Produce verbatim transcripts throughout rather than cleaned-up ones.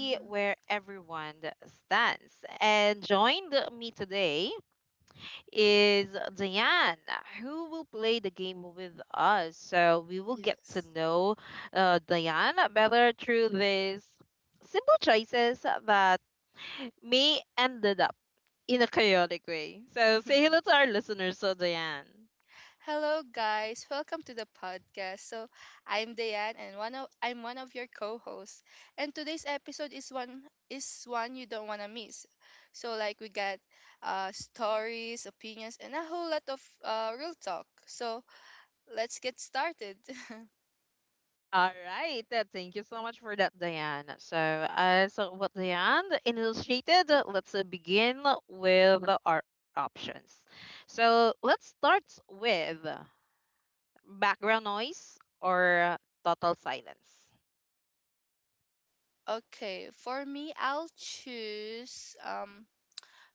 hmm Yes. Hello guys, welcome to the podcast. So I'm Dayan and one of I'm one of your co-hosts. And today's episode is one is one you don't wanna miss. So like we got uh stories, opinions, and a whole lot of uh real talk. So let's get started. Okay, for me I'll choose um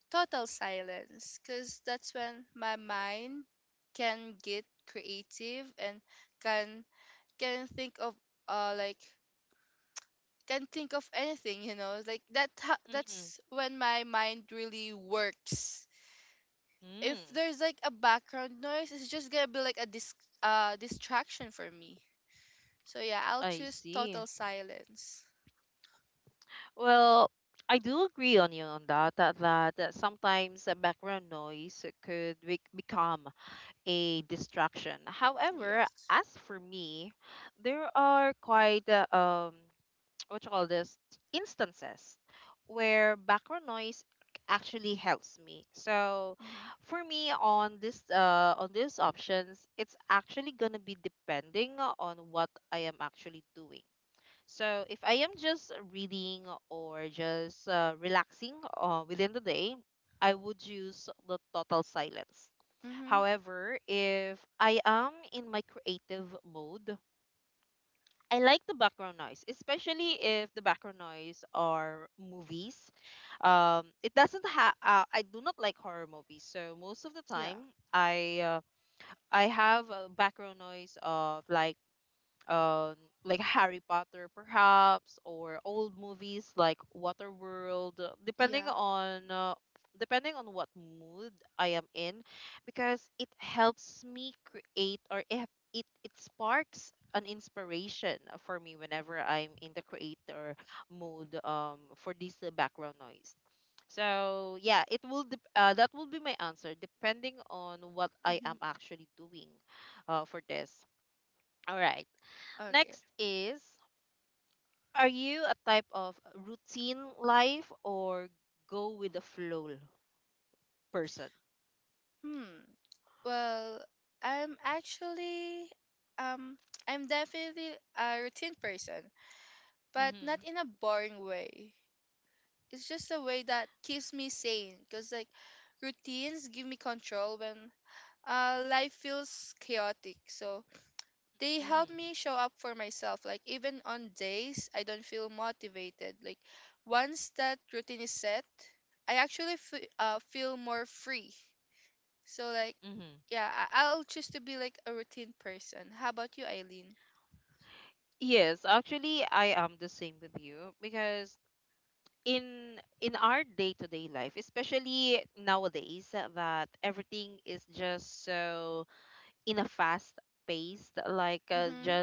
total silence because that's when my mind can get creative and can can think of uh like can think of anything you know like that ha- that's when my mind really works. If there's like a background noise it's just gonna be like a dis- uh distraction for me, so yeah, I'll choose total silence. Yes. Mm-hmm. Mm-hmm. Yeah. Yeah. Mm-hmm. Okay. Hmm. Well, i'm actually um I'm definitely a routine person, but not in a boring way. It's just a way that keeps me sane, because like routines give me control when, uh, life feels chaotic, so they help me show up for myself like even on days I don't feel motivated. Like once that routine is set, i actually f- uh, feel more free. So like yeah, I- I'll choose to be like a routine person. How about you, Eileen? Mm-hmm.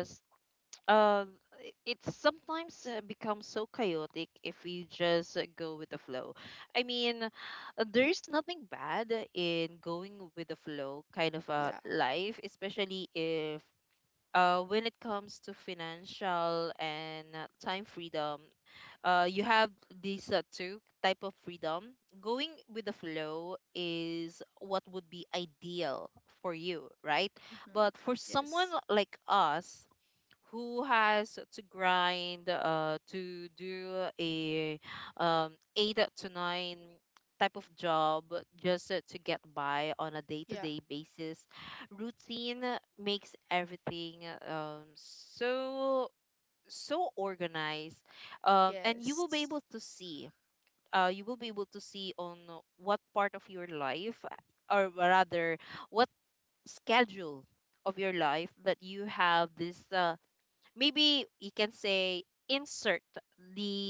Yeah. Mm-hmm. Yes. Yeah. Yes.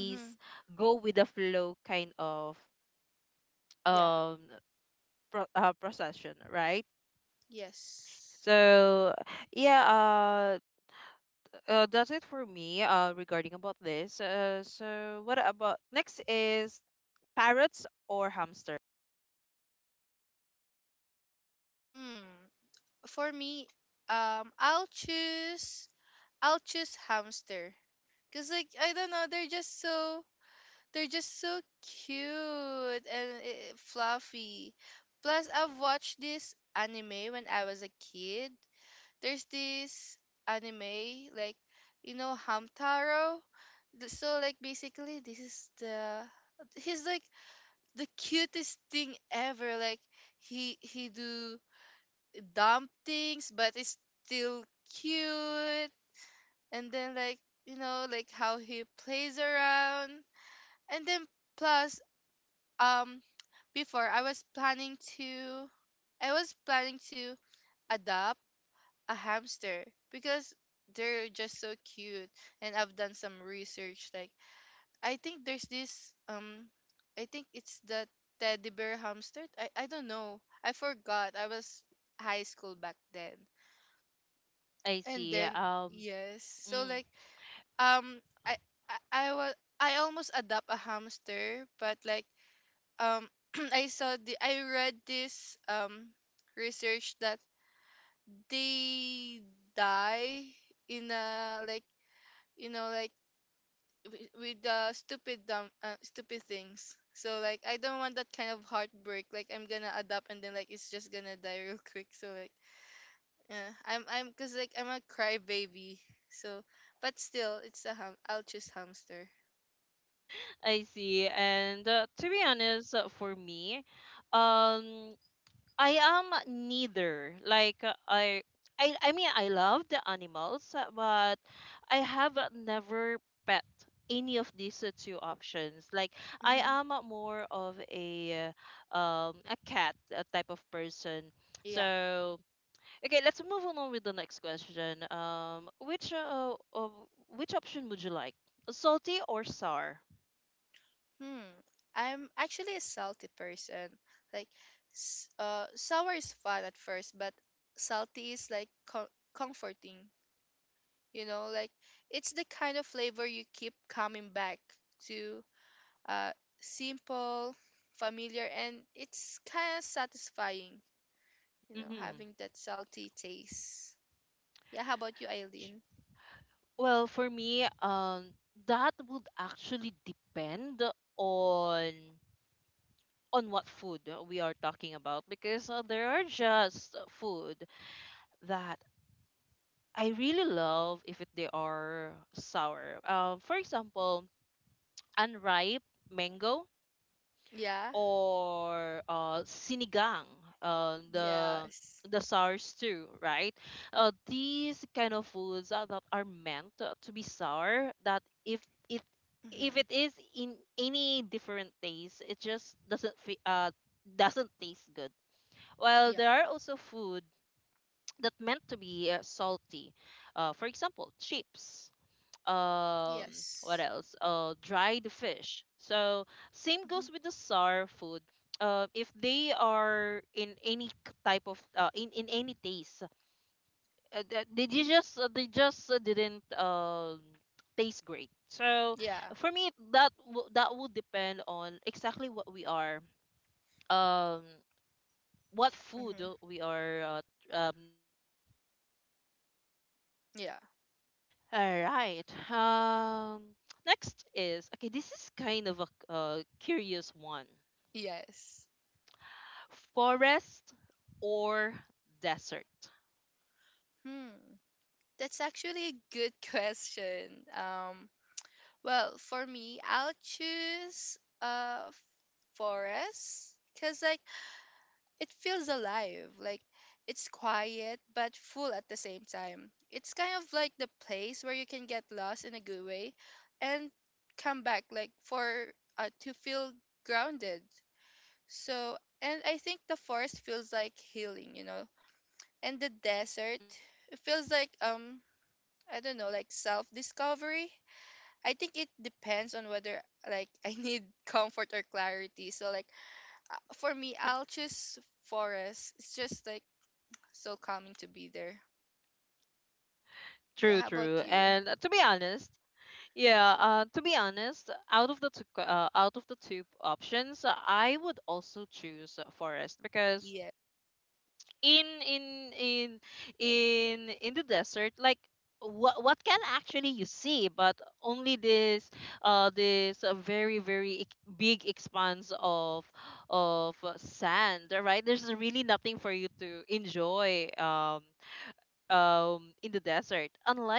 Mm-hmm. Yeah. Yes. Mm, for me, um, I'll choose I'll choose hamster. Cause like I don't know, they're just so they're just so cute and eh, fluffy. Plus, I've watched this anime when I was a kid. There's this anime like you know Hamtaro. Th- So like basically, this is the he's like the cutest thing ever. Like he he do dumb things but it's still cute. And then like you know like how he plays around and then plus, um before I was planning to I was planning to adopt a hamster because they're just so cute. And I've done some research like I think there's this, um I think it's the teddy bear hamster. I, I don't know, I forgot, I was high school back then. And then yes, so like um i i, I was I almost adopt a hamster, but like, um I saw the I read this, um research that they die in a like you know like wi- with the stupid dumb uh, stupid things. So like I don't want that kind of heartbreak, like I'm gonna adopt and then like it's just gonna die real quick. So like yeah, I'm I'm cause like I'm a crybaby. So, but still, it's a ham. I'll choose hamster. Mm-hmm. Yeah. Hmm. I'm actually a salty person. Like, s- uh, sour is fun at first, but salty is like co- comforting. You know, like it's the kind of flavor you keep coming back to. Uh, Simple, familiar, and it's kind of satisfying. You know, having that salty taste. Yeah. How about you, Eileen? Yeah. Yes. Mm-hmm. Yeah. Yes. Mm-hmm. Yeah. Mm-hmm. Yeah. Yes. Hmm. That's actually a good question. Um. Well, for me, I'll choose uh forest because like it feels alive. Like it's quiet but full at the same time. It's kind of like the place where you can get lost in a good way, and come back like for uh to feel grounded. So, and I think the forest feels like healing, you know, and the desert it feels like um I don't know, like self discovery. I think it depends on whether like I need comfort or clarity. So like uh, for me, I'll choose forest. It's just like so calming to be there. Yeah. How about you? Yeah.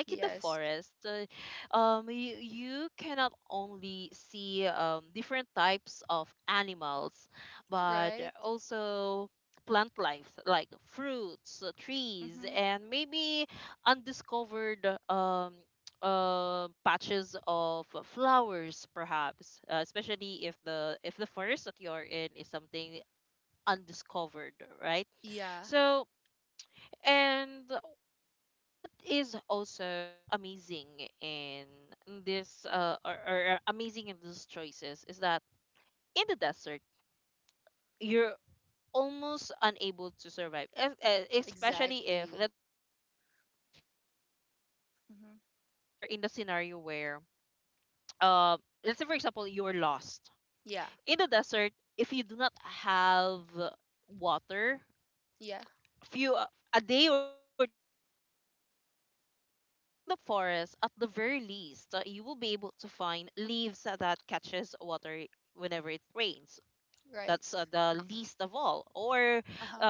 Yes. Right. Mhm. Yeah. Exactly. Mhm. Yeah. Yeah. Right. Uh huh.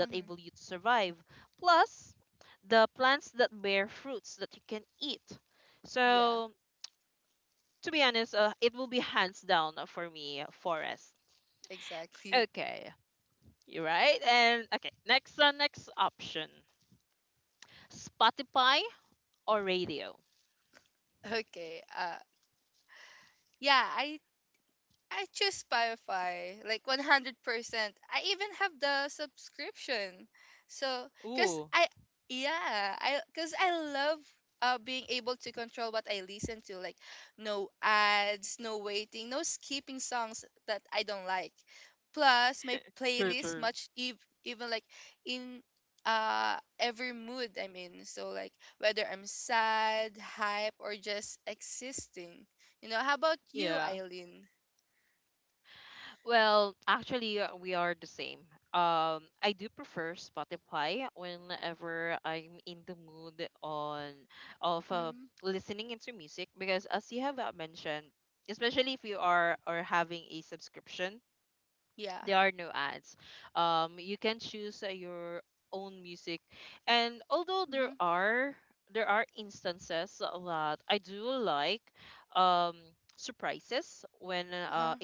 Mhm. Yeah. Exactly. Okay. Uh, yeah, I I choose Spotify, like one hundred percent. I even have the subscription. So, cuz I yeah, I cuz I love uh being able to control what I listen to, like no ads, no waiting, no skipping songs that I don't like. Plus, my playlist much ev- even like in, uh every mood I'm in. So like whether I'm sad, hype or just existing. You know, how about you, Eileen? Mm, yeah. Mm-hmm. Uh-huh.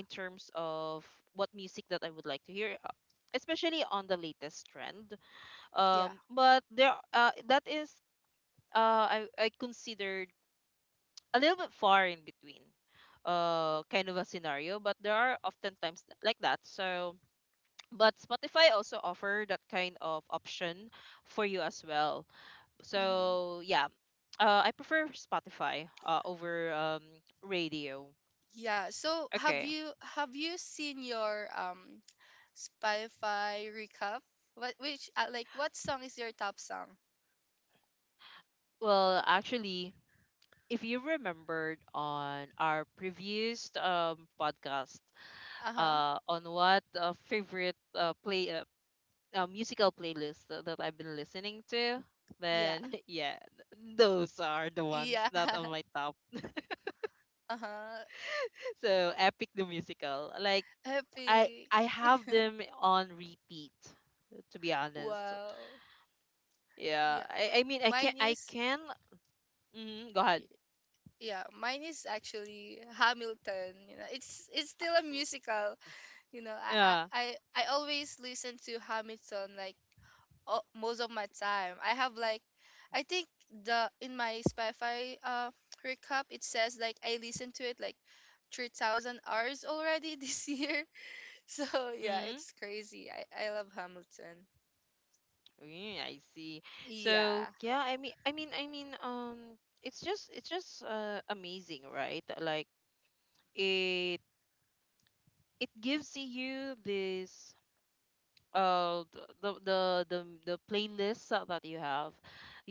Yeah. Mm-hmm. Yeah. So have you have you seen your, um Spotify recap? What which uh, like what song is your top song? Uh-huh. Yeah. Yeah. Uh-huh. Happy. Wow. Yeah. Mine is y- yeah, Mine is actually Hamilton, you know. It's it's still a musical, you know. I I I I always listen to Hamilton like, uh, most of my time. I have like I think the in my Spotify uh recap it says like I listened to it like three thousand hours already this year. So yeah, it's crazy. I I love Hamilton. Yeah.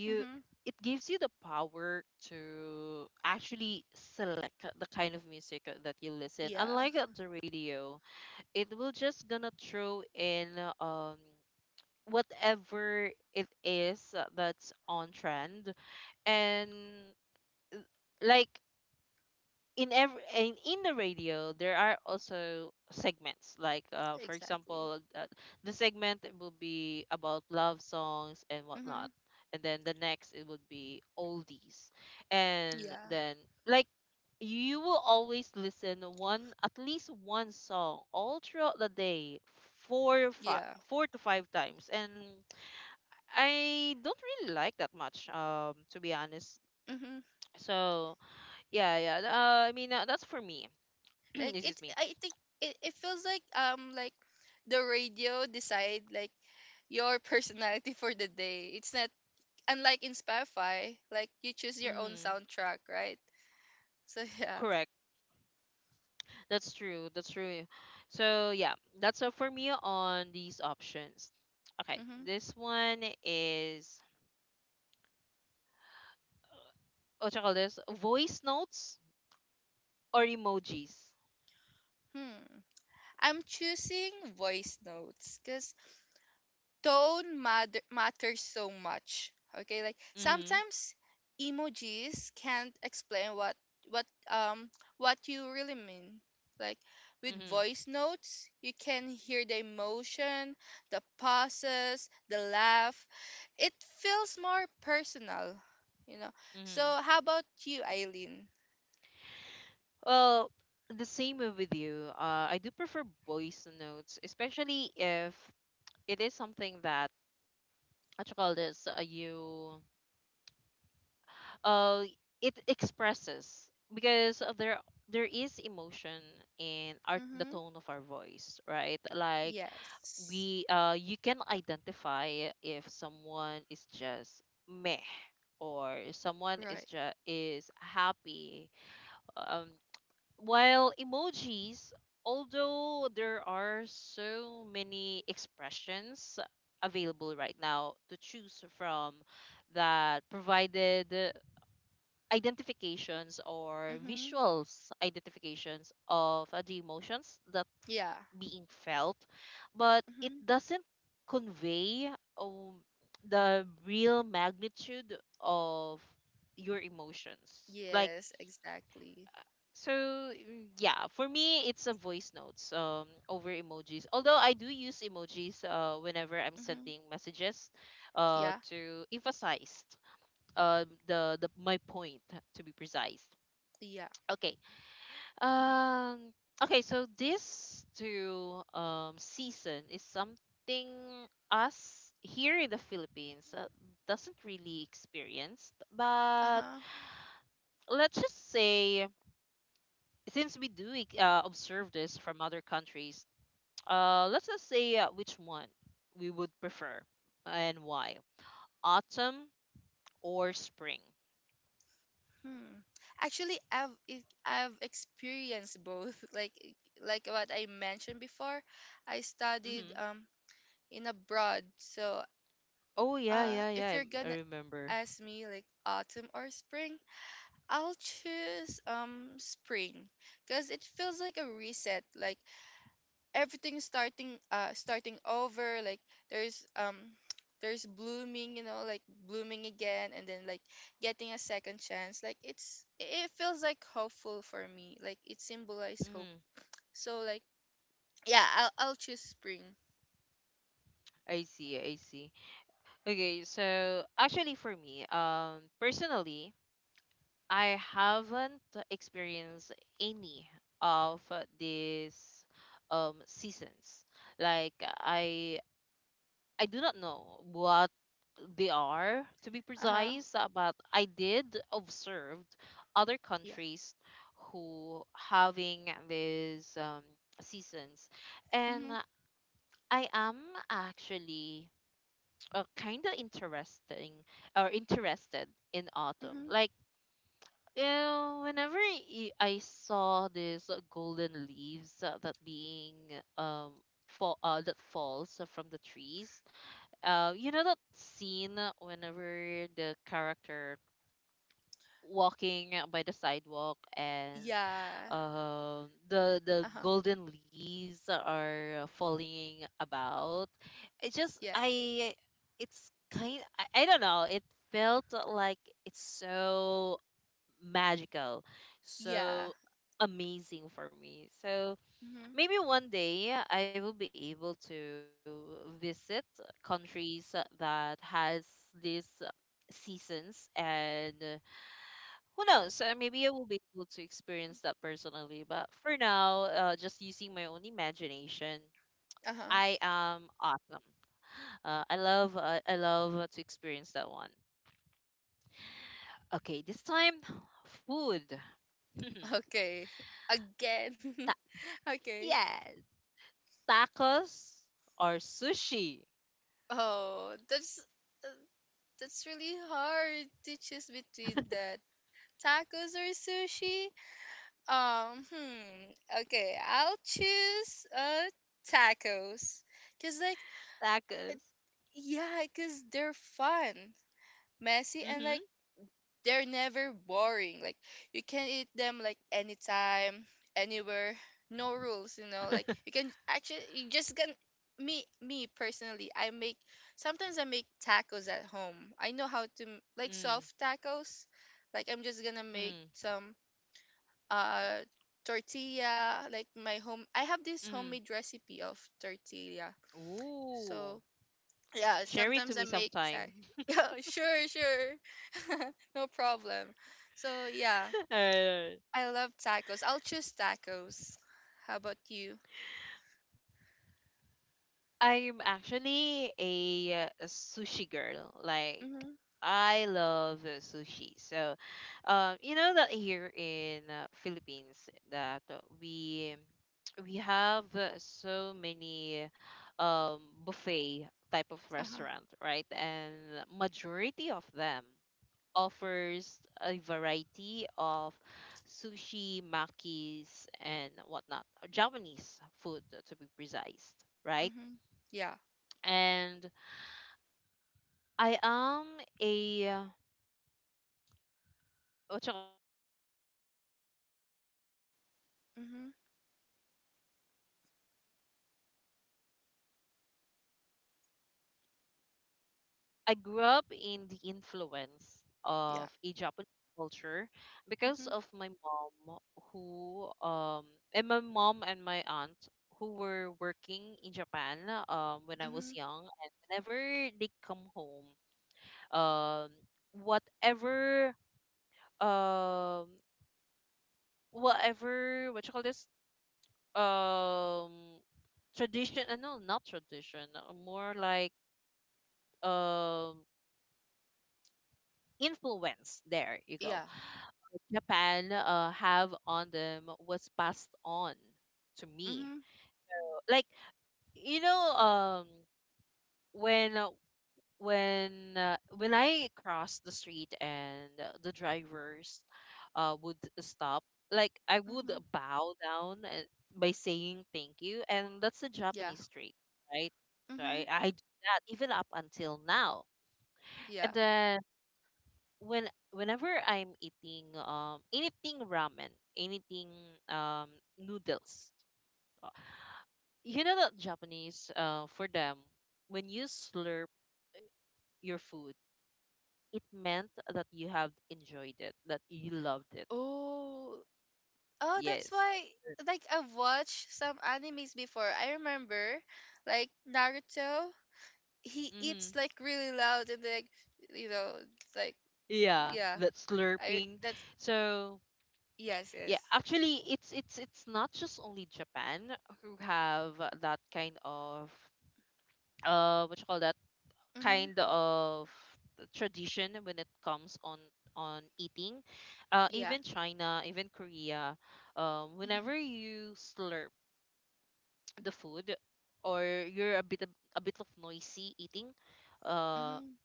Mhm. Yeah, exactly. Mhm. Yeah. Yeah. Mhm. Like it I think it, it feels like um like the radio decide like your personality for the day. It's not unlike in Spotify, like you choose your own soundtrack, right? So yeah. Hmm. Hmm. I'm choosing voice notes because tone matter matters so much. Okay, like sometimes emojis can't explain what what um what you really mean. Like with voice notes, you can hear the emotion, the pauses, the laugh, it feels more personal, you know. So how about you, Eileen? Mm-hmm. Yes. Right. Mm-hmm. Yeah. Mm-hmm. Yes, exactly. Mm-hmm. Yeah. Yeah. Uh-huh. Hmm. Actually, I've i I've experienced both. Like e, like what I mentioned before, I studied um in abroad. So uh, if you're gonna ask me like autumn or spring, I'll choose um spring because it feels like a reset, like everything's starting uh starting over, like there's, um there's blooming, you know, like blooming again and then like getting a second chance. Like it's it it feels like hopeful for me. Like it symbolized hope. So like yeah, I'll I'll choose spring. Uh-huh. Yeah. Mhm. Mhm. Yeah. Uh-huh. Yeah. Yeah. Mhm. Uh-huh. Okay. Again. Okay. Oh, that's uh, that's really hard to choose between that tacos or sushi. Um, hmm. Okay, I'll choose uh tacos, cause like, uh, yeah, cause they're fun, messy, and like they're never boring. Like you can eat them like anytime, anywhere, no rules, you know. Like you can actually you just can me me personally, I make sometimes I make tacos at home. I know how to m- like soft tacos. Like I'm just going to make some uh tortilla, like my home I have this homemade recipe of tortilla. So yeah, sometimes I make time. Yeah, sure, sure. No problem. So yeah, I love tacos. I'll choose tacos. How about you? Mhm. Uh-huh. Mhm. Yeah. Mhm. grew up, um, I grew up in the influence Yeah. of a Japanese culture because Mhm. of my mom, who um, and my mom and my aunt who were working in Japan um, when I was Mhm. young, and whenever they come home, um, whatever um, whatever what you call this um tradition uh, no not tradition, uh, more like um influence, there you go. Yeah. Japan uh, have on them was passed on to me. Mhm. Like you know, um, when uh, when uh, when I cross the street and uh, the drivers uh, would stop, like I would Mhm. bow down and, by saying thank you, and that's the Yeah. Japanese street, right? So I, Mhm. I do that even up until now. Yeah. And then when whenever I'm eating um anything ramen, anything um noodles, you know that Japanese, uh for them, when you slurp your food, it meant that you have enjoyed it, that you loved it. Oh. Oh, that's Yes. why like I've watched some animes before. I remember like Naruto, he Mm-hmm. eats like really loud and like you know, like Yeah, yeah that I slurping. that's So yes, yeah, yes. actually, it's it's it's not just only Japan who have that kind of, uh what you call that, Mhm. kind of tradition when it comes on on eating. Uh, Yeah. even China, even Korea, um, Mhm. whenever you slurp the food or you're a bit of, a bit of noisy eating, uh, Mhm.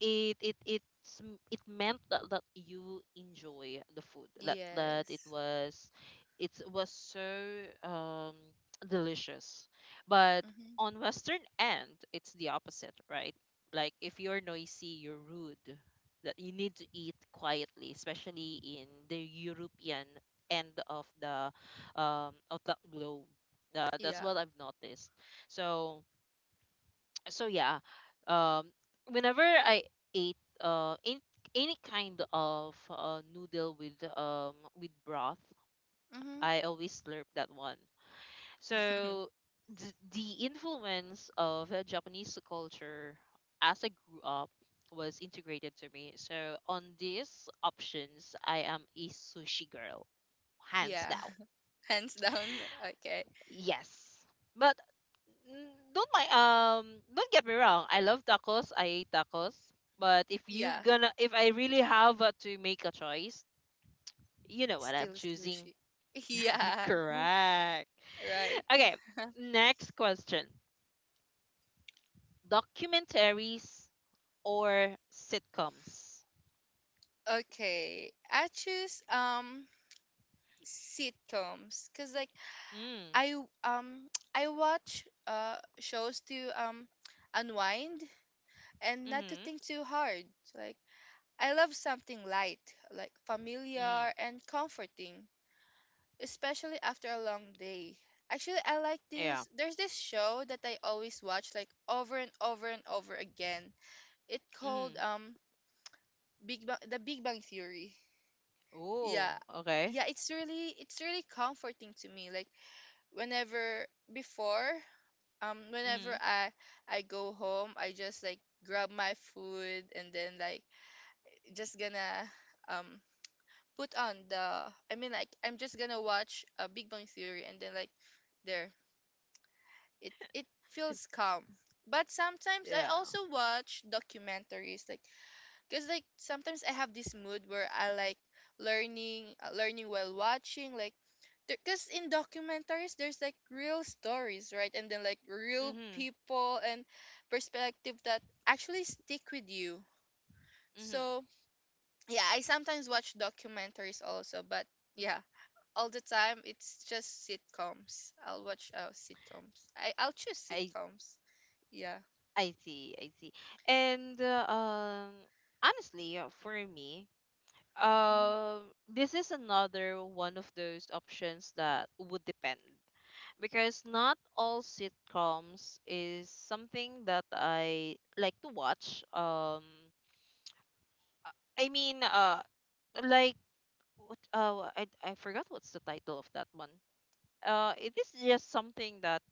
it it it's m- it meant that, that you enjoy the food, that that it Yes. was, it was so um delicious. But Mhm. on western end it's the opposite, right? Like if you're noisy you're rude, that you need to eat quietly, especially in the European end of the um of the globe. Uh, that's Yeah. what I've noticed. So so yeah, um whenever I ate uh in, any kind of uh, noodle with um with broth, Mhm. I always slurp that one. So th- the influence of uh, Japanese culture as I grew up was integrated to me, so on these options I am a sushi girl, hands Yeah. down. Hands down. Okay. Yes. But mm, don't mind um don't get me wrong. I love tacos. I ate tacos. But if you Yeah. gonna, if I really have uh, to make a choice, you know what I'm Still choosing. squishy. Yeah. Correct. Right. Okay, next question. Documentaries or sitcoms? Okay. I choose um sitcoms cuz like Mm. I w- um I watch uh shows to um unwind and not to Mhm. think too hard. Like I love something light, like familiar Mm. and comforting, especially after a long day. Actually, I like Yeah. this. There's this show that I always watch like over and over and over again. It called Mhm. um Big Bang The Big Bang Theory. Oh, Yeah. okay. Yeah, it's really it's really comforting to me. Like whenever before, um whenever Mhm. I I go home, I just like grab my food and then like just gonna, um put on the I mean like I'm just gonna watch a Big Bang Theory and then like there it it feels calm. But sometimes I Yeah. also watch documentaries like, cuz like sometimes I have this mood where I like learning uh, learning while watching like because in documentaries there's like real stories right and then like real Mhm. people and perspective that actually stick with you. Mhm. So yeah, I sometimes watch documentaries also, but yeah all the time it's just sitcoms. I'll watch uh, sitcoms. I I'll choose I sitcoms. Yeah. I see, I see. And uh, um, honestly, uh, for me, Mhm. um, this is another one of those options that would depend, because not all sitcoms is something that I like to watch. Um, I mean, uh, like what? Uh, I I forgot what's the title of that one. Uh, it is just something that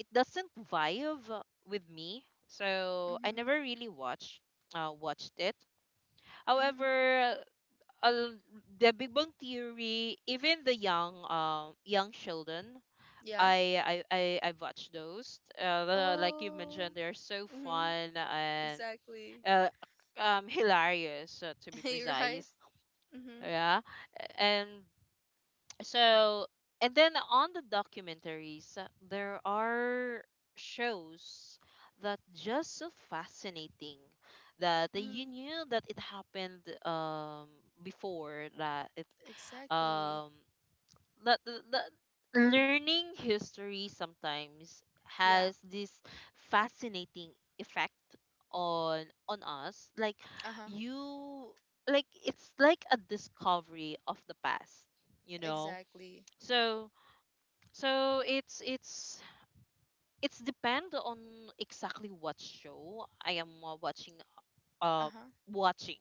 it doesn't vibe with me, so I Mhm. never really watched uh, watched it. Mhm. However, uh, the Big Bang Theory, even the young um young children, Yeah. I I I I've watched those. Uh, the- like you Oh. mentioned, they're so Mhm. fun and Exactly. uh, um hilarious, uh, to be You're right. precise. Mhm. Yeah, and so, and then on the documentaries, uh, there are shows that just so fascinating that you Mhm. knew that it happened um before, that it Exactly. um that, that, that learning history sometimes Yeah. has this fascinating effect on on us. Like Uh huh. you, like it's like a discovery of the past, you know? Exactly. So so it's it's it's depend on exactly what show I am uh, watching Uh uh huh. watching.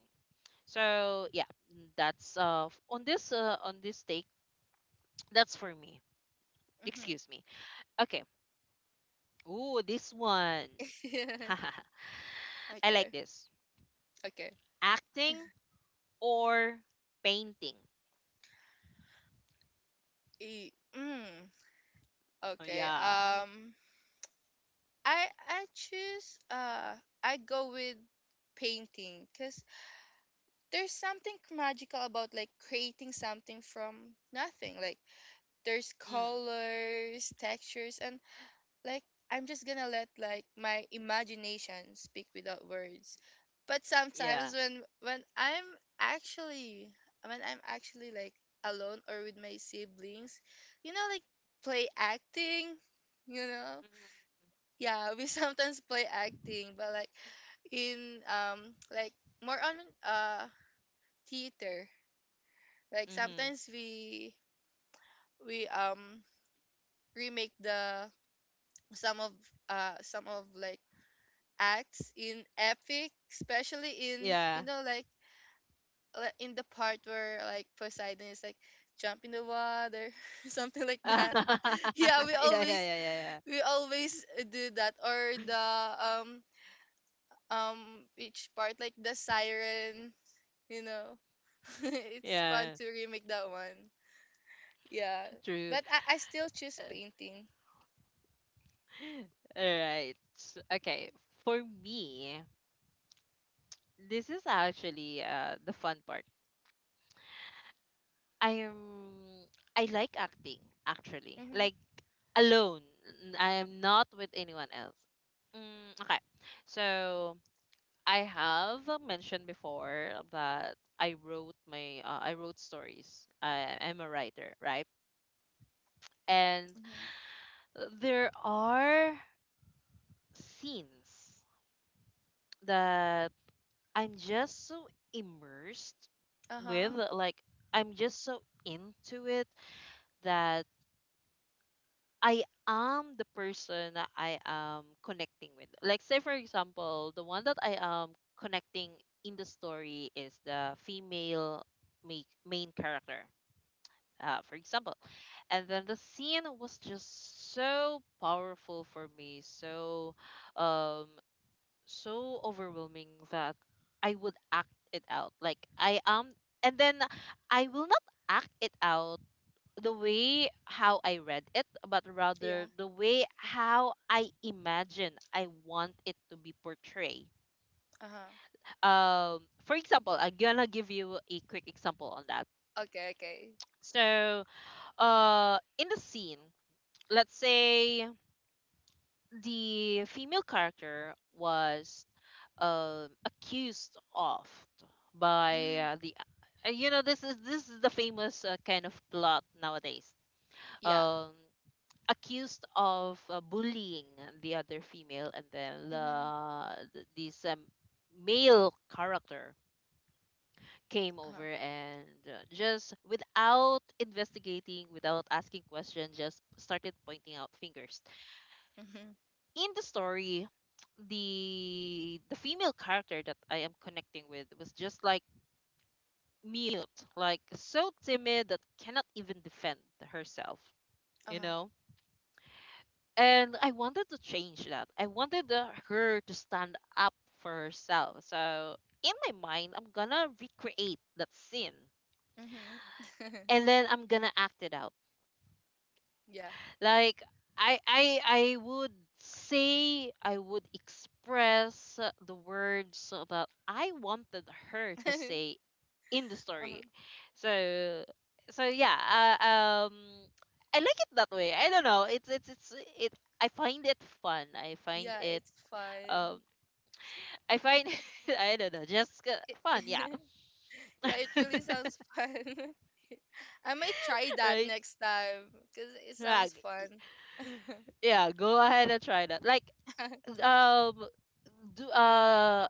So yeah, that's uh f- on this uh, on this take, that's for me. Mhm. Excuse me. Okay. Ooh, this one. I like Okay. this. Okay. Acting or painting. E- mm. Oh, Okay. yeah. Um. I I choose. Uh. I go with painting because there's something magical about like creating something from nothing. Like there's Mm, colors, textures, and like I'm just gonna let like my imagination speak without words. But yeah. sometimes when when I'm actually when I'm actually like alone or with my siblings, you know, like play acting, you know, yeah, we sometimes play acting, but like in um like more on uh theater. Like Mm-hmm. sometimes we we um remake the some of uh some of like acts in epic, especially in you Yeah. know like li- in the part where like Poseidon is like jump in the water, something like that. Yeah, we yeah, yeah, yeah, yeah, always yeah. we always do that or the um um each part like the siren, you know. It's fun Yeah. to remake that one. Yeah, True. but I, I still choose All painting. right. Okay. For me, this is actually uh, the fun part. I am I like acting actually. Mm-hmm. Like alone. N- I am not with anyone else. Mm, okay. So I have mentioned before that I wrote my uh, I wrote stories. I am a writer, right? And Mhm. there are scenes that I'm just so immersed with, Uh-huh. like I'm just so into it, that I am the person that I am connecting with. Like say for example, the one that I am connecting in the story is the female ma- main character. Uh, for example, and then the scene was just so powerful for me, so um so overwhelming that I would act it out. Like I am, and then I will not act it out the way how I read it, but Yeah. rather the way how I imagine I want it to be portrayed. Uh-huh. Um, for example, I'm gonna give you a quick example on that. Okay, okay. So uh in the scene, let's say the female character was um accused of by Mhm. uh, the, uh, you know, this is this is the famous, uh, kind of plot nowadays, Yeah. um accused of uh, bullying the other female, and then Mhm. the th- this um, male character came Uh-huh. over and uh, just without investigating, without asking questions, just started pointing out fingers. Mhm. In the story, the the female character that I am connecting with was just like mute, like so timid that cannot even defend herself, you Uh-huh. know? And I wanted to change that. I wanted uh, her to stand up for herself. So in my mind, I'm gonna recreate that scene, Mhm. and then I'm gonna act it out. Yeah. Like i i i would say, I would express uh, the words that I wanted her to say in the Uh-huh. story. So so yeah, uh, um I like it that way. I don't know, it's it's it's it I find it fun, I find Yeah, it it's um fun. I find I don't know, just uh, It fun, yeah. Yeah, it really sounds fun. I might try that Right, next time because it yeah, sounds g- fun. yeah, go ahead and try that. Like um do uh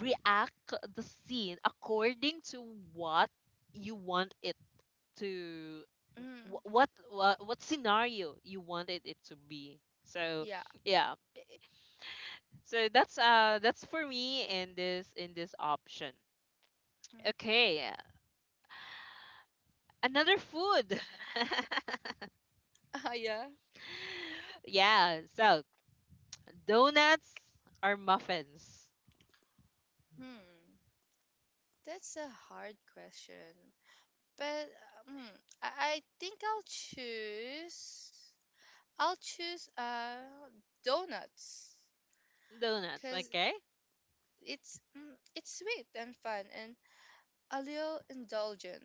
react the scene according to what you want it to, Mhm. wh- what what, what scenario you wanted it to be. So Yeah. yeah, so that's uh that's for me in this, in this option. Mhm. Okay, another food. Uh, yeah. Yeah, so donuts or muffins. Hmm. That's a hard question. But um, I, I think I'll choose. I'll choose uh donuts Donuts, because okay. it's mm, it's sweet and fun and a little indulgent,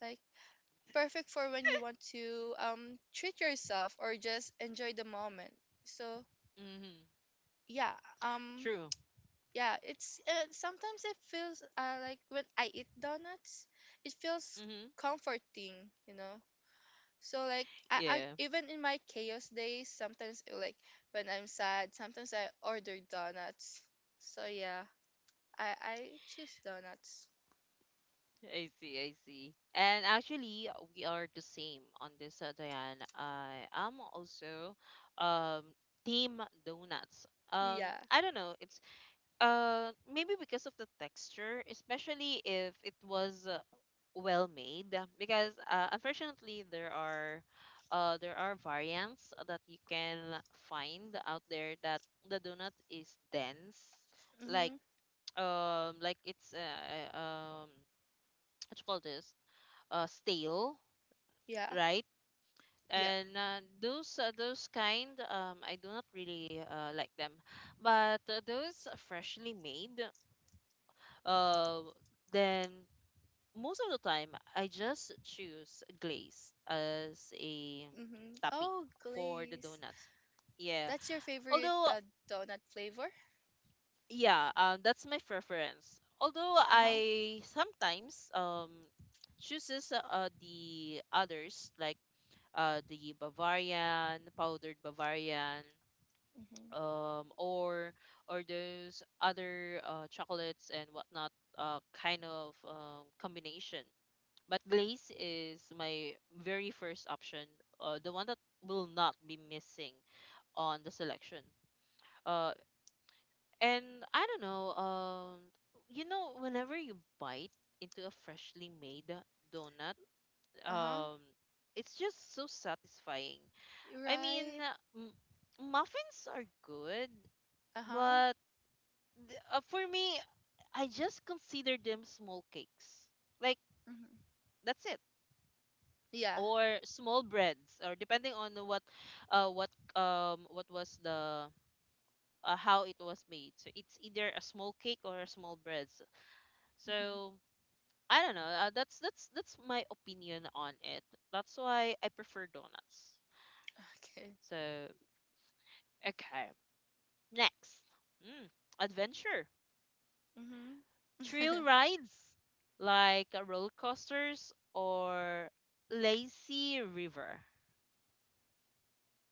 like perfect for when you want to um treat yourself or just enjoy the moment. So Mm-hmm. yeah, um True. yeah, it's uh, sometimes it feels uh, like when I eat donuts, it feels Mm-hmm. comforting, you know So like I, I Yeah. even in my chaos days, sometimes uh, like when I'm sad, sometimes I order donuts. So yeah, I I choose donuts. I see, I see. And actually, uh, we are the same on this, uh, Diane. I am also um team donuts. Um, Yeah. I don't know. It's uh maybe because of the texture, especially if it was uh, well made. Because uh, unfortunately, there are uh there are variants that you can find out there, that the donut is dense, like Mhm. um like it's uh uh, um what you call this? Uh, stale, Yeah. right? Yeah. And uh, those uh, those kind, um, I do not really uh, like them. But uh, those freshly made, uh, then most of the time I just choose glaze as a Mhm. topping Oh, for the glaze. donuts. Yeah. That's your favorite Although, uh, donut flavor? yeah, um, that's my preference. Although Uh huh. I sometimes um chooses uh the others, like uh, the Bavarian, powdered Bavarian, Mhm. um, or or those other uh, chocolates and whatnot, uh, kind of um, combination. But glaze is my very first option, uh, the one that will not be missing on the selection. Uh, and I don't know, um, you know, whenever you bite into a freshly made donut, Uh huh. um, it's just so satisfying. I mean, Right. m- muffins are good, Uh huh. but th- uh, for me, I just consider them small cakes. Like Mhm. that's it, Yeah. or small breads, or depending on what, uh, what um, what was the uh, how it was made. So it's either a small cake or a small breads. Mhm. So I don't know. Uh, that's that's that's my opinion on it. That's why I prefer donuts. Okay. So okay, next, mm, adventure. Mhm. Thrill rides like uh, roller coasters or lazy river.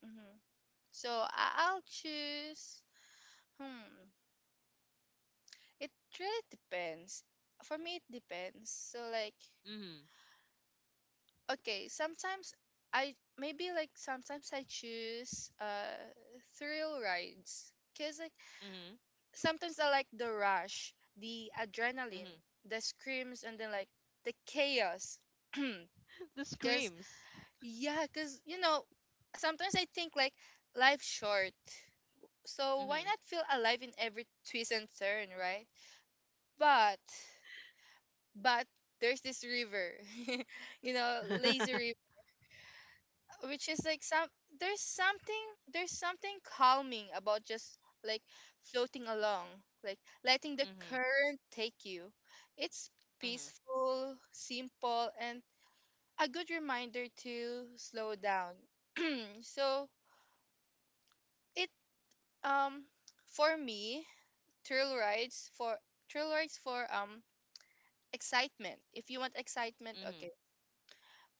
Mhm. So I- I'll choose. Hmm. It really depends. For me, it depends. So like, Mhm. okay, sometimes I maybe like sometimes I choose uh thrill rides because like Mhm. sometimes I like the rush, the adrenaline, Mhm. the screams, and then like the chaos. The Because screams. yeah, because you know sometimes I think like life's short, so why Mhm. not feel alive in every twist and turn, right? But but there's this river you know lazy Mhm. river, which is like some there's something there's something calming about just, like, floating along, like letting the current take you. It's Mhm. peaceful, simple, and a good reminder to slow down. So it um for me, trail rides for trail rides for um excitement, if you want excitement, Mhm. okay,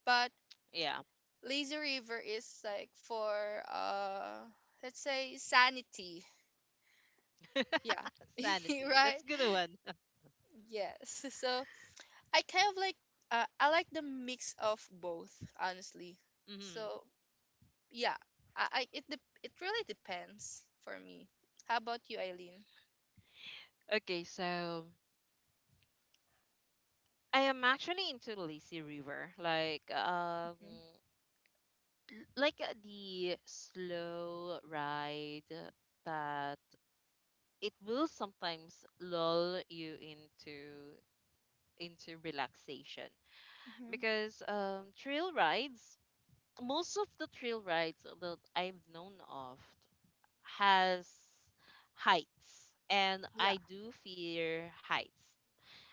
but Yeah. Lazy River is like for uh let's say sanity. Yeah. Sanity. Right? That's good one. Yes. So I kind of like, uh, I like the mix of both, honestly. Mhm. So yeah, I, I it dep it really depends for me. How about you, Eileen? Okay, so I am actually into lazy river. Like um hmm. like uh, the slow ride that it will sometimes lull you into into relaxation, Hmm. because um, trail rides, most of the trail rides that I've known of has heights, and Yeah. I do fear heights.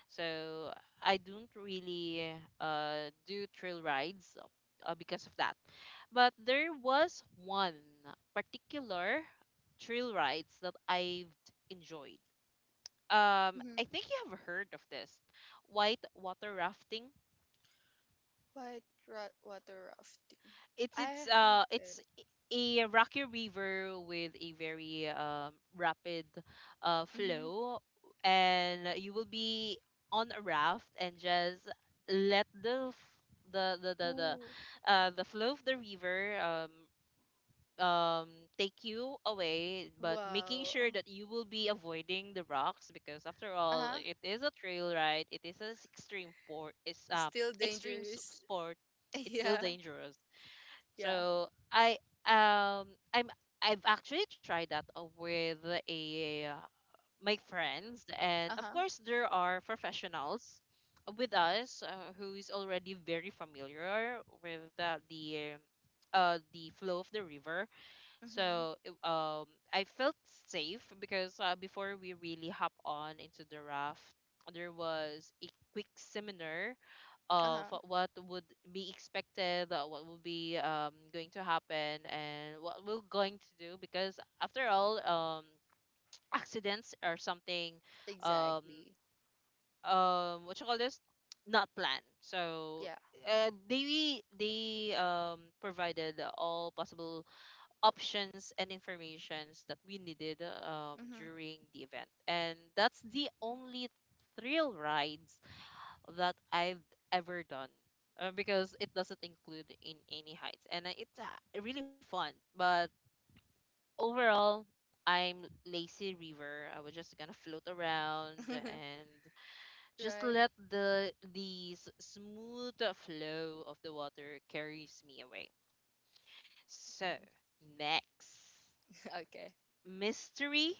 So I don't really uh, do trail rides uh, because of that. But there was one particular trail rides that I've enjoyed. Um, I Hmm. think you have heard of this, white water rafting. White ra- water rafting. it's it's I uh it's haven't. a rocky river with a very um, rapid uh, Hmm. flow, and you will be on a raft and just let the f- the the the Ooh. the, uh, the flow of the river um um take you away, but making sure Wow. that you will be avoiding the rocks, because after Uh all huh. it is a trail ride, it is an extreme sport. It's uh Still extreme s- dangerous. sport, it's still Yeah. dangerous. Yeah. So I um I'm, I've actually tried that uh, with a uh, my friends, and Uh of huh. course there are professionals with us, uh, who is already very familiar with the the uh, the flow of the river. Mhm. So it- um, I felt safe, because uh, before we really hop on into the raft, there was a quick seminar Uh of huh. what would be expected, uh, what will be um, going to happen, and what we're going to do. Because after all, um, accidents are something, um, Exactly. um, what you call this, not planned. So Yeah. uh, they they um provided all possible options and informations that we needed um, Mhm. during the event. And that's the only thrill rides that I've ever done uh, because it doesn't include in any heights. And uh, it's uh, really fun. But overall, I'm lazy river. I was just gonna float around and just Right. let the the s- smooth flow of the water carries me away. So next, Okay. mystery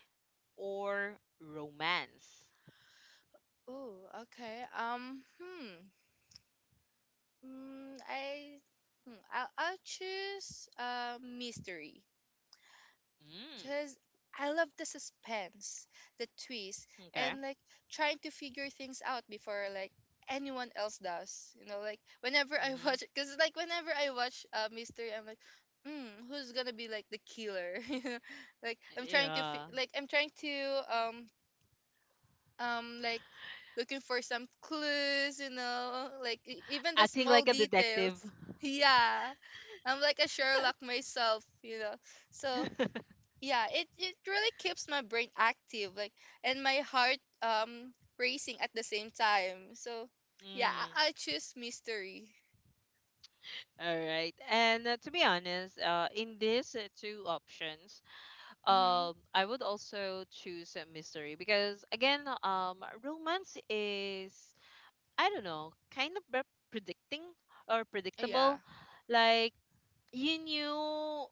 or romance? Oh. Okay. Um. Hmm. Mm, I. Hmm, I'll, I'll choose uh, mystery, Mm, because I love the suspense, the twist, okay. and like trying to figure things out before like anyone else does. You know, like whenever I Mm-hmm. watch, because like whenever I watch uh, mystery, I'm like, hmm, who's gonna be like the killer? you know, like I'm trying to fi- Yeah. like I'm trying to um um like looking for some clues. You know, like e- even the Acting small like a details. detective. Yeah, I'm like a Sherlock myself. You know, so yeah, it, it really keeps my brain active, like, and my heart um racing at the same time. So yeah, Mm, i, I choose mystery. all right. And uh, to be honest, uh, in these uh, two options, Mm-hmm. um, I would also choose a mystery because again, um, romance is, I don't know, kind of pre- predicting or Yeah. predictable. Like you knew,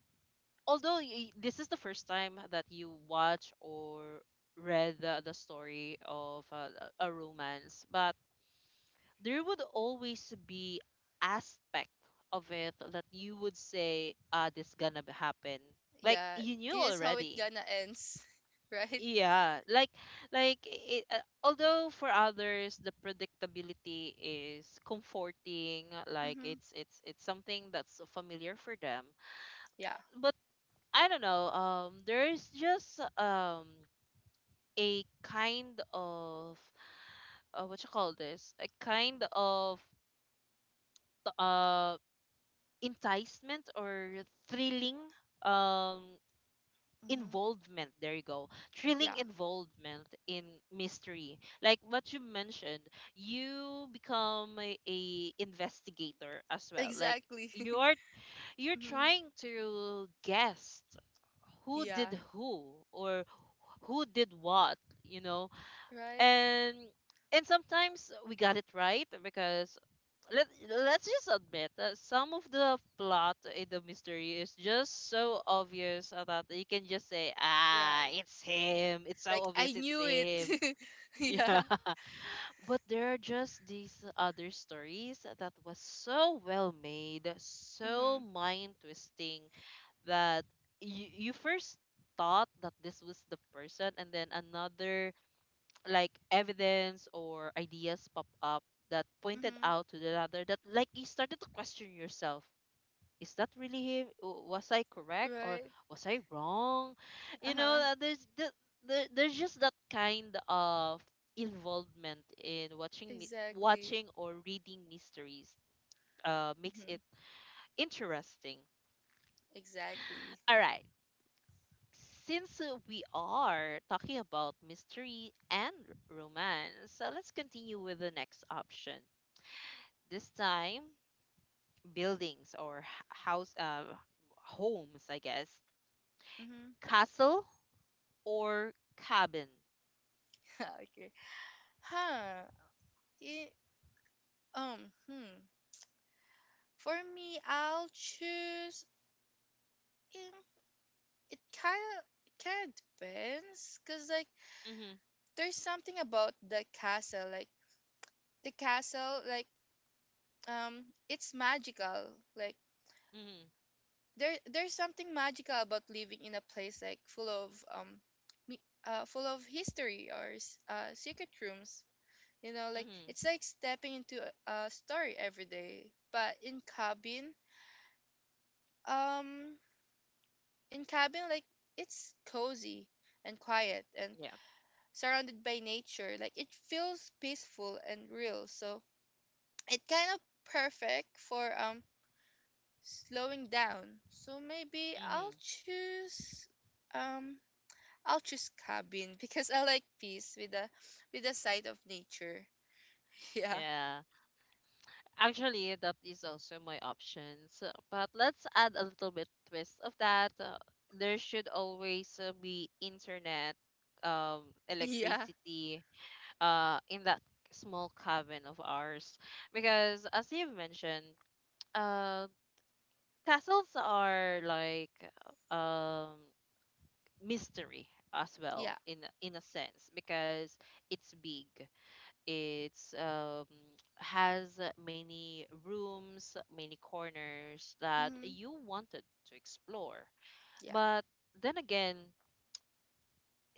although y- this is the first time that you watch or read the, the story of a, a romance, but there would always be aspect of it that you would say, ah, this gonna b- happen. Like Yeah. you knew This is how it already. gonna ends. Right. Yeah, like like it, uh, although for others the predictability is comforting, like Mm-hmm. it's it's it's something that's familiar for them, Yeah. uh, but I don't know. Um, there's just um a kind of uh, what you call this? A kind of uh enticement or thrilling um Mm-hmm. involvement. There you go. Thrilling Yeah. involvement in mystery. Like what you mentioned, you become a, a investigator as well. Like Exactly. you're you're Mm-hmm. trying to guess who Yeah. did who, or who did what, you know? Right, And and sometimes we got it right, because let let's just admit that some of the plot in the mystery is just so obvious that you can just say, ah, right, it's him. It's so like i obvious it's knew him. it. Yeah. Yeah. But there are just these other stories that was so well made, so Mm-hmm. mind twisting, that you, you first thought that this was the person, and then another like evidence or ideas pop up that pointed Mm-hmm. out to the other, that like you started to question yourself. Is that really him? W- was I correct, or Right. was I wrong, you know? Uh-huh. Uh, there's the, there, there's just that kind of involvement in watching mi- Exactly. watching or reading mysteries uh makes Mm-hmm. it interesting. Exactly. All right, since uh, we are talking about mystery and romance, so let's continue with the next option. This time, buildings or h- house, uh, homes, I guess, Mm-hmm. castle or cabin? Okay. Huh. It, um. Hmm. For me, I'll choose. um, It, it kind of kind of depends, cause like Mhm, there's something about the castle, like the castle, like um, it's magical. Like mhm, there there's something magical about living in a place, like full of um, me. Uh, full of history, or s- uh, secret rooms. You know, like mhm. it's like stepping into a, a story every day. But in cabin, um in cabin like it's cozy and quiet and Yeah. surrounded by nature, like it feels peaceful and real, so it kind of perfect for um slowing down. So maybe i'll Mhm. choose um i'll choose cabin because i like peace, with the with the sight of nature. yeah Yeah. Actually, that is also my options. uh, But let's add a little bit twist of that. Uh, there should always uh, be internet, um, yeah. electricity, uh in that small cabin of ours, because as you've mentioned uh castles are like um mystery as Yeah. well in a- in a sense, because it's big, it's um has many rooms, many corners that Mm-hmm. you wanted to explore. Yeah. But then again,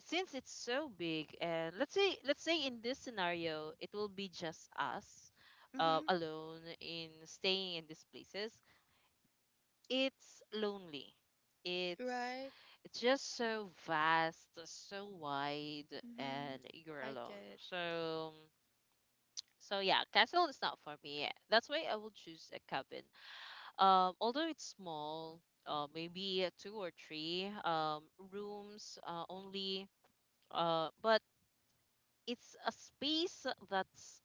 since it's so big, and let's say let's say in this scenario it will be just us, uh, Mm-hmm. alone in staying in these places. It's lonely, it's Right. it's just so vast, so wide, Mm-hmm. and you're I get alone. it. So so yeah, castle is not for me. That's why I will choose a cabin, um although it's small, uh, maybe uh, two or three um rooms uh, only, uh but it's a space that's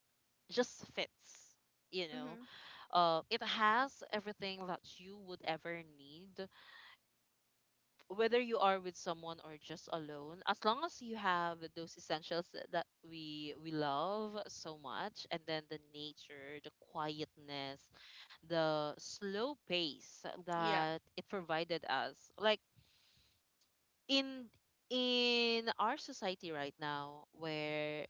just fits, you know. Mm-hmm. Uh, it has everything that you would ever need, whether you are with someone or just alone, as long as you have those essentials tha- that we we love so much, and then the nature, the quietness, the slow pace Yeah. that it provided us, like in in our society right now, where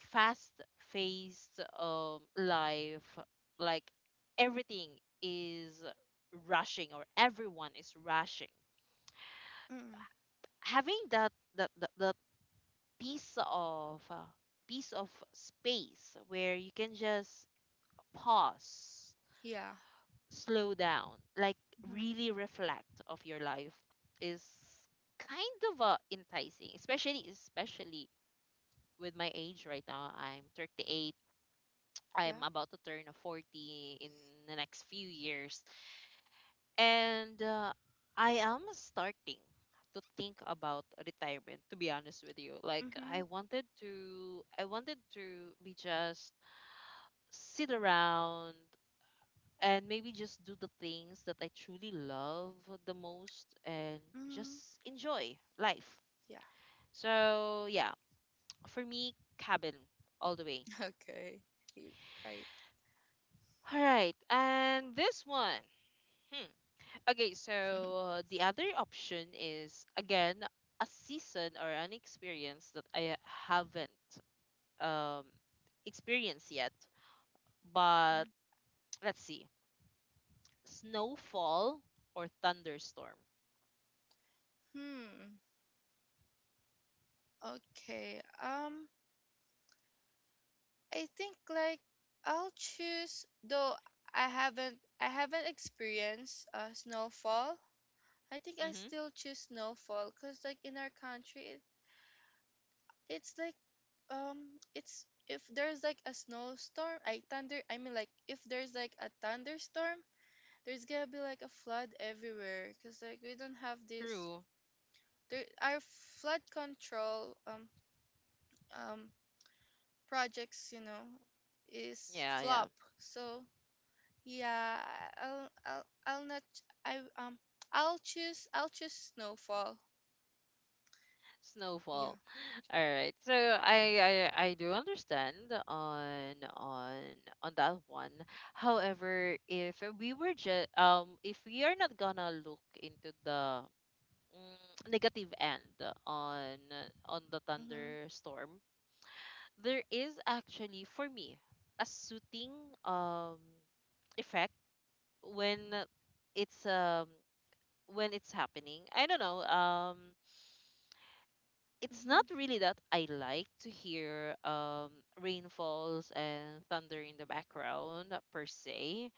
fast paced um life, like everything is rushing, or everyone is rushing, Mm-hmm. having that that that, that piece of uh, piece of space where you can just pause, Yeah. slow down, like Mm-hmm. really reflect of your life, is kind of uh, enticing, especially especially with my age right now. I'm thirty-eight. I'm Yeah. about to turn a forty in the next few years. And uh, I am starting to think about retirement, to be honest with you. Like I Mm-hmm. wanted to I wanted to be just sit around, and maybe just do the things that I truly love the most, and Mm, just enjoy life. yeah. So, yeah, for me cabin all the way. Okay. You right. All right, and this one. Hmm. Okay, so Hmm. uh, the other option is again a season or an experience that I haven't um, experienced yet. But let's see, snowfall or thunderstorm? Okay. Um, I think like I'll choose, though I haven't I haven't experienced uh snowfall. I think I Mm-hmm. still choose snowfall because, like, in our country, it, it's like, um it's, if there's like a snowstorm, I thunder I mean, like if there's like a thunderstorm, there's gonna be like a flood everywhere, because like we don't have this, True. there, our flood control um um projects, you know is Yeah, yeah. flop. So yeah, i'll i'll, I'll not, i um i'll choose i'll choose snowfall. Yeah. Snowfall. All right. So I, I I do understand on on on that one. However, if we were just um if we are not gonna look into the mm, negative end on on the Mhm. thunderstorm, there is actually for me a soothing um effect when it's um when it's happening. I don't know. Um it's not Mhm. really that I like to hear um, rainfalls and thunder in the background uh, per se,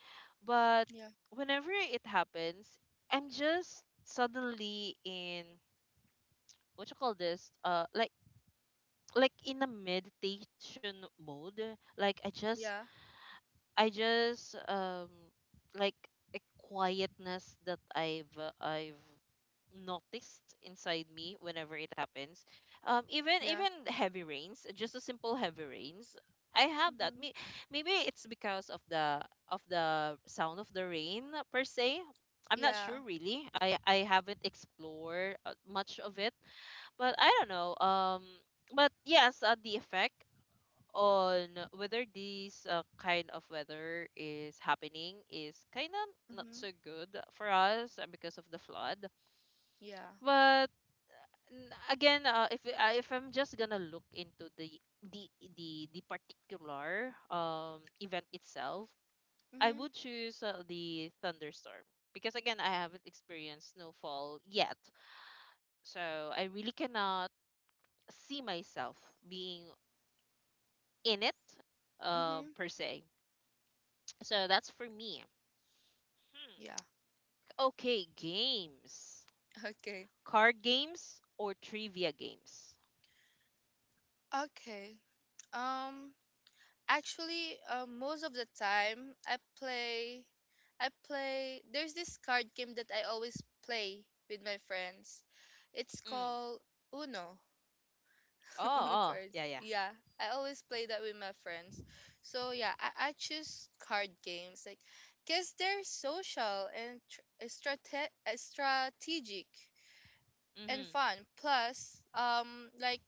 but Yeah. whenever it happens, I'm just suddenly in, what you call this, uh, like like in a meditation mode. Like I just Yeah. I just um like a quietness that I've uh, I've noticed inside me whenever it happens. Um, even Yeah. even heavy rains, just a simple heavy rains. I have that. Mhm. May- Maybe it's because of the of the sound of the rain per se. I'm not Yeah. sure really. I I haven't explored uh, much of it, but I don't know. Um, but yes, uh, the effect on whether this uh, kind of weather is happening is kind of not Mhm. so good for us, uh, because of the flood. Yeah. But n- again, uh, if I- if I'm just gonna look into the the the, the particular um, event itself, I Mhm. would choose uh, the thunderstorm, because again, I haven't experienced snowfall yet, so I really cannot see myself being in it, um, Mhm. per se. So that's for me. Hmm. Yeah. Okay, games. Okay. Card games or trivia games? Okay. um Actually, uh, most of the time I play, I play there's this card game that I always play with my friends. It's Mm. called Uno. Oh, Uno oh, cards. yeah, yeah. Yeah, I always play that with my friends. So yeah, I, I choose card games, like, because they're social and tr- uh, strate- uh, strategic and Mm-hmm. fun. Plus, um, like,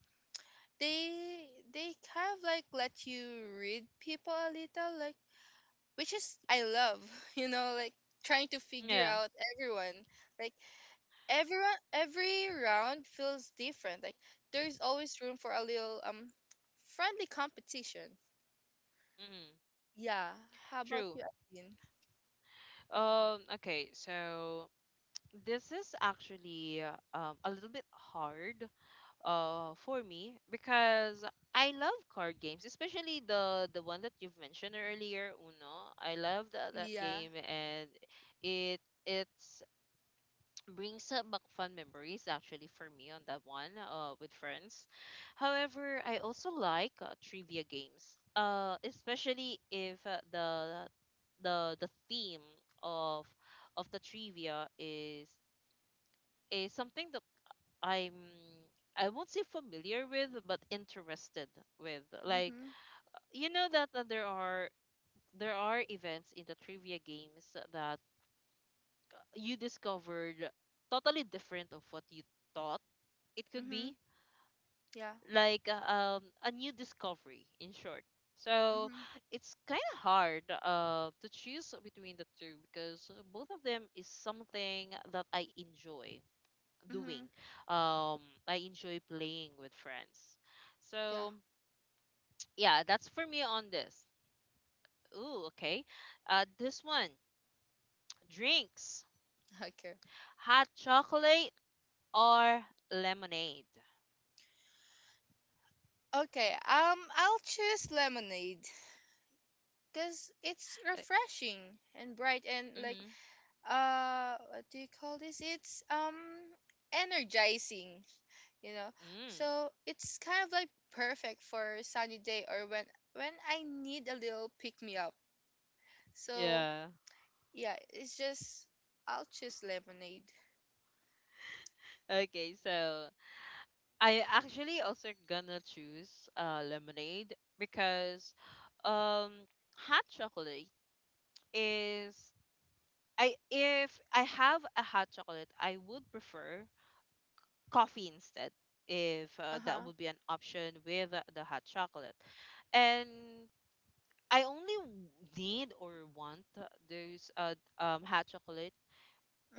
they they kind of like let you read people a little. Like, which is I love, you know, like trying to figure Yeah. out everyone. Like, everyone, every round feels different. Like, there's always room for a little um friendly competition. Mm-hmm. Yeah. How about True. you, Adeline? Um, okay, so this is actually uh, um, a little bit hard uh for me, because I love card games, especially the the one that you've mentioned earlier, Uno. I love that that Yeah. game, and it it's brings up back fun memories actually for me on that one, uh, with friends. However, I also like uh, trivia games, uh, especially if uh, the the the theme of of the trivia is is something that I'm I won't say familiar with, but interested with. Like Mhm. you know that uh, there are there are events in the trivia games that you discovered totally different of what you thought it could be, Mhm. Yeah. like uh, um, a new discovery, in short. So Mhm. it's kind of hard uh, to choose between the two, because both of them is something that I enjoy doing, Mhm. um, I enjoy playing with friends. Yeah. So yeah, that's for me on this. Ooh, okay, uh, this one. Drinks. Okay. Hot chocolate or lemonade? Okay. Um, I'll choose lemonade because it's Uh, refreshing and bright and, like, mm-hmm. uh, what do you call this? It's um energizing. you know Mm. so it's kind of like perfect for a sunny day, or when when i need a little pick me up. So Yeah. yeah, it's just, i'll choose lemonade. Okay, so I actually also gonna choose uh, lemonade, because um hot chocolate is, I if I have a hot chocolate I would prefer coffee instead, if uh, that Uh-huh. would be an option with the, the hot chocolate. And I only w- need or want those uh, um, hot chocolate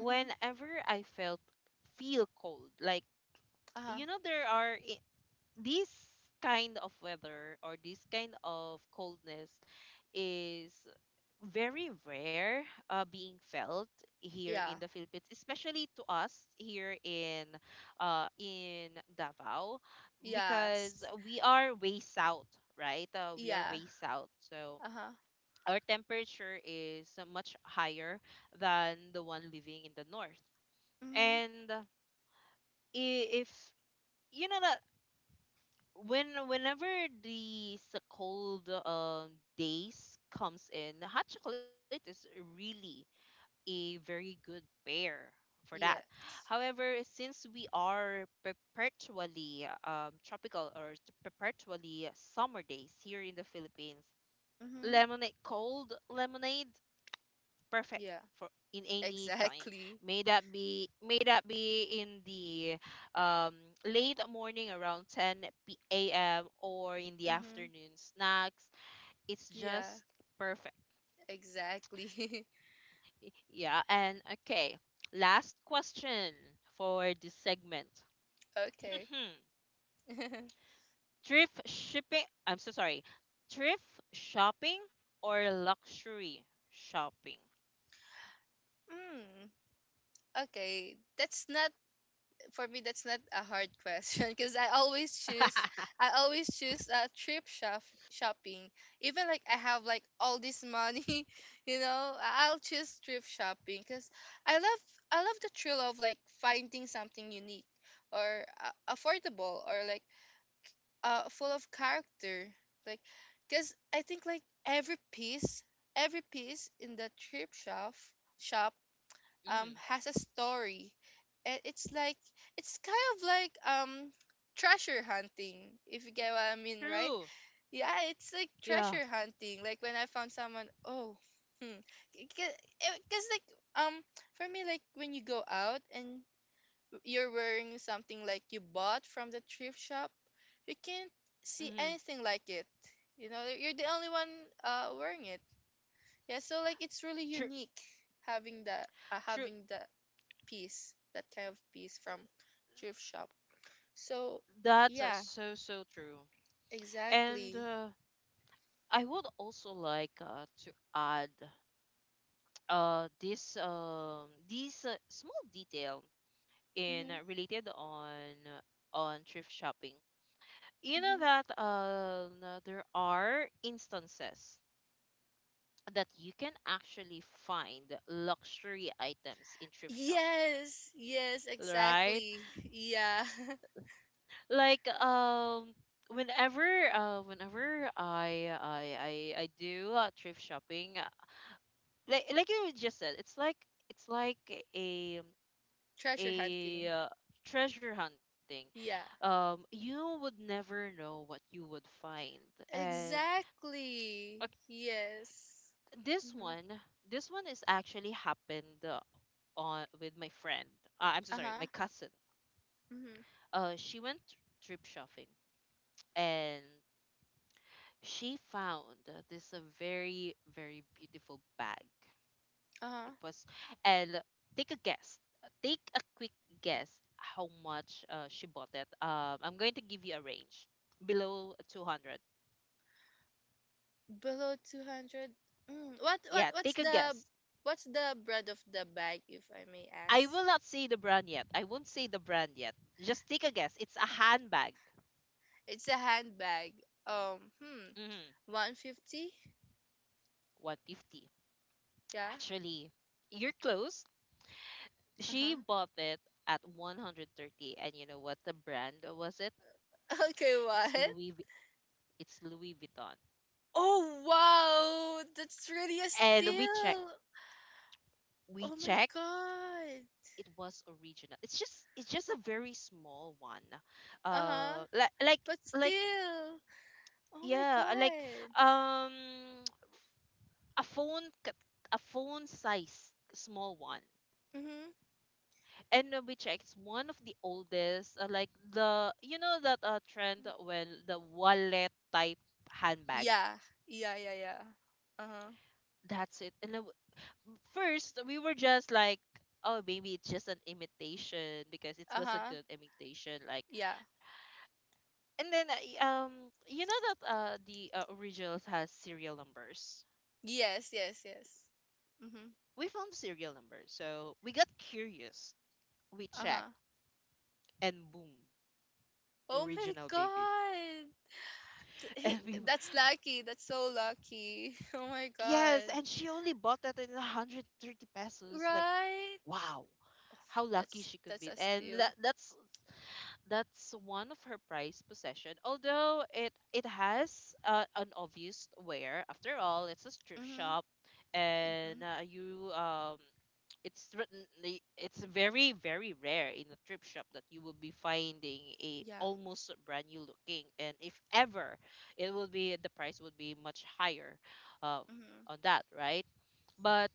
Mm-hmm. I felt feel cold, like, Uh-huh. you know, there are this kind of weather, or this kind of coldness is very rare uh, being felt here Yeah. in the Philippines, especially to us here in uh, in Davao, because Yes. we are way south, right? Uh, we are Yeah. way south, so Uh-huh. our temperature is uh, much higher than the one living in the north, Mm-hmm. and i- if you know that when whenever these cold um, days comes in, hot chocolate is really a very good pair for that. Yes. However, since we are perpetually um, tropical or t- perpetually summer days here in the Philippines, Mm-hmm. lemonade, cold lemonade perfect Yeah. for in any time. Exactly. May that be may that be in the um, late morning around ten p- a m, or in the Mm-hmm. afternoon snacks. It's Yeah. just perfect. Exactly. Y- Yeah, and okay. Last question for this segment. Okay. Thrift shipping. I'm so sorry. Thrift shopping or luxury shopping? Mm, okay, that's not for me, that's not a hard question because I always Hmm. choose I always choose a trip shop shopping. Even like I have like all this money, you know, I- I'll choose trip shopping because I love I love the thrill of like finding something unique, or uh, affordable, or like uh full of character. Like, because I think like every piece every piece in the trip shop shop um has a story, and it's like it's kind of like um treasure hunting, if you get what i mean, right? True. Yeah, it's like Yeah. treasure hunting, like when i found someone. Oh. hmm because like, um for me, like when you go out and you're wearing something like you bought from the thrift shop, you can't see Hmm. anything like it. You know you're the only one uh wearing it. Yeah, so like it's really True. unique, having that uh, True. having the peace, that kind of peace from thrift shop. So That's uh, yeah, so so true. And exactly. uh, I would also like uh, to add uh this um this uh, small detail in, uh, Hmm. related on, uh, on thrift shopping. You know Hmm. that, uh no, there are instances that you can actually find luxury items in thrift shop, Yes, yes, right? exactly. Yeah. Like um whenever uh whenever I I I, I do uh, thrift shopping, like like you just said, it's like, it's like a Treasure a hunting. uh, treasure hunting. Yeah, um You would never know what you would find, and uh, exactly. Yes. this one Mm-hmm. this one is actually happened, uh, on with my friend, uh, I'm so sorry, my Uh huh. cousin. Mm-hmm. Uh she went trip shopping and she found this uh, very very beautiful bag. Uh It huh. was, and take a guess. Take a quick guess how much uh, she bought it. Um, I'm going to give you a range below two hundred. Below two hundred. Mm. What what Yeah, what's take a the guess. what's the brand of the bag, if I may I ask? will not say the brand yet. I won't say the brand yet. Just take a guess. It's a handbag. It's a handbag. Um. Hmm. Mm-hmm. One fifty. one fifty. Yeah. Actually, you're close. Uh huh. She bought it at one hundred thirty, and you know what the brand was it? Okay, what? It's Louis Vu- it's Louis Vuitton. Oh, wow! That's really a And we check steal! we Oh my check god! it was original. It's just it's just a very small one. Uh huh. Uh, like like But like still! Oh my yeah, like god! um a phone c- a phone size small one. Mm-hmm. And uh, we checked it's one of the oldest, uh, like the you know that uh, trend when the wallet type handbag. Yeah, yeah, yeah, yeah. Uh huh. That's it. And then w- first we were just like, oh, maybe it's just an imitation, because it Uh was a huh. good imitation. Like, Yeah. and then I- um you know that uh the uh, originals has serial numbers. Yes, yes, yes. Mm-hmm. We found serial numbers, so we got curious. We Uh huh. checked, and boom, Oh my original baby. god! Th- And we He, w- that's lucky. That's so lucky. Oh my yes, god. and she only bought that in one hundred thirty pesos. Like, Right? wow, how lucky That's she could that's be. a And steal. that, that's that's one of her prized possession. Although it it has uh, an obvious wear. After all, it's a strip Mm-hmm. shop, and Mm-hmm. uh, you um it's written the- it's very very rare in a thrift shop that you will be finding a Yeah. almost brand new looking, and if ever it will be the price would be much higher uh, Mm-hmm. on that, right? But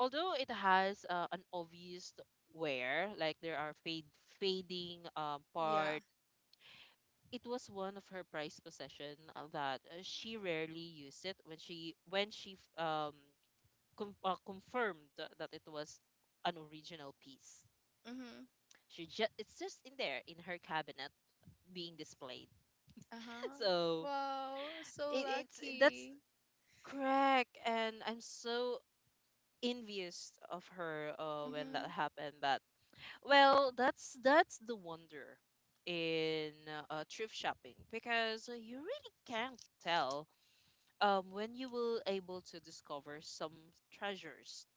although it has uh, an obvious wear, like there are fade fading um, Yeah. part, it was one of her prized possession uh, that uh, she rarely used it when she when she f- um com- uh, confirmed that it was an original piece. Mhm. She just it's just in there in her cabinet being displayed. Uh-huh. So Wow, so it, it's that's lucky. correct, and I'm so envious of her uh, when that Mhm. happened. That, well, that's that's the wonder in uh, thrift shopping, because you really can't tell um when you will able to discover some treasures,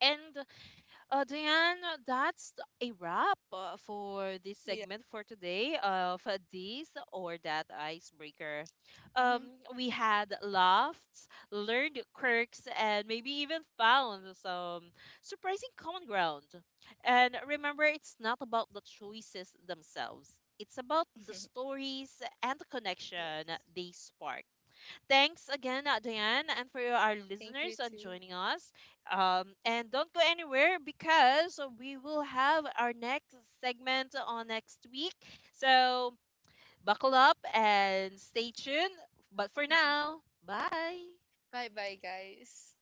and Uh, Diane, that's a wrap uh, for this Yeah. segment for today of uh, this or that icebreaker. Um, Mhm. we had laughs, learned quirks, and maybe even found some surprising common ground. And remember, it's not about the choices themselves. It's about the stories and the connection Yes. they spark. Thanks again, uh, Diane, and for our Thank you listeners on too. joining us. Um, and don't go anywhere, because we will have our next segment on next week. So buckle up and stay tuned. But for Mhm. now, bye. Bye-bye, guys.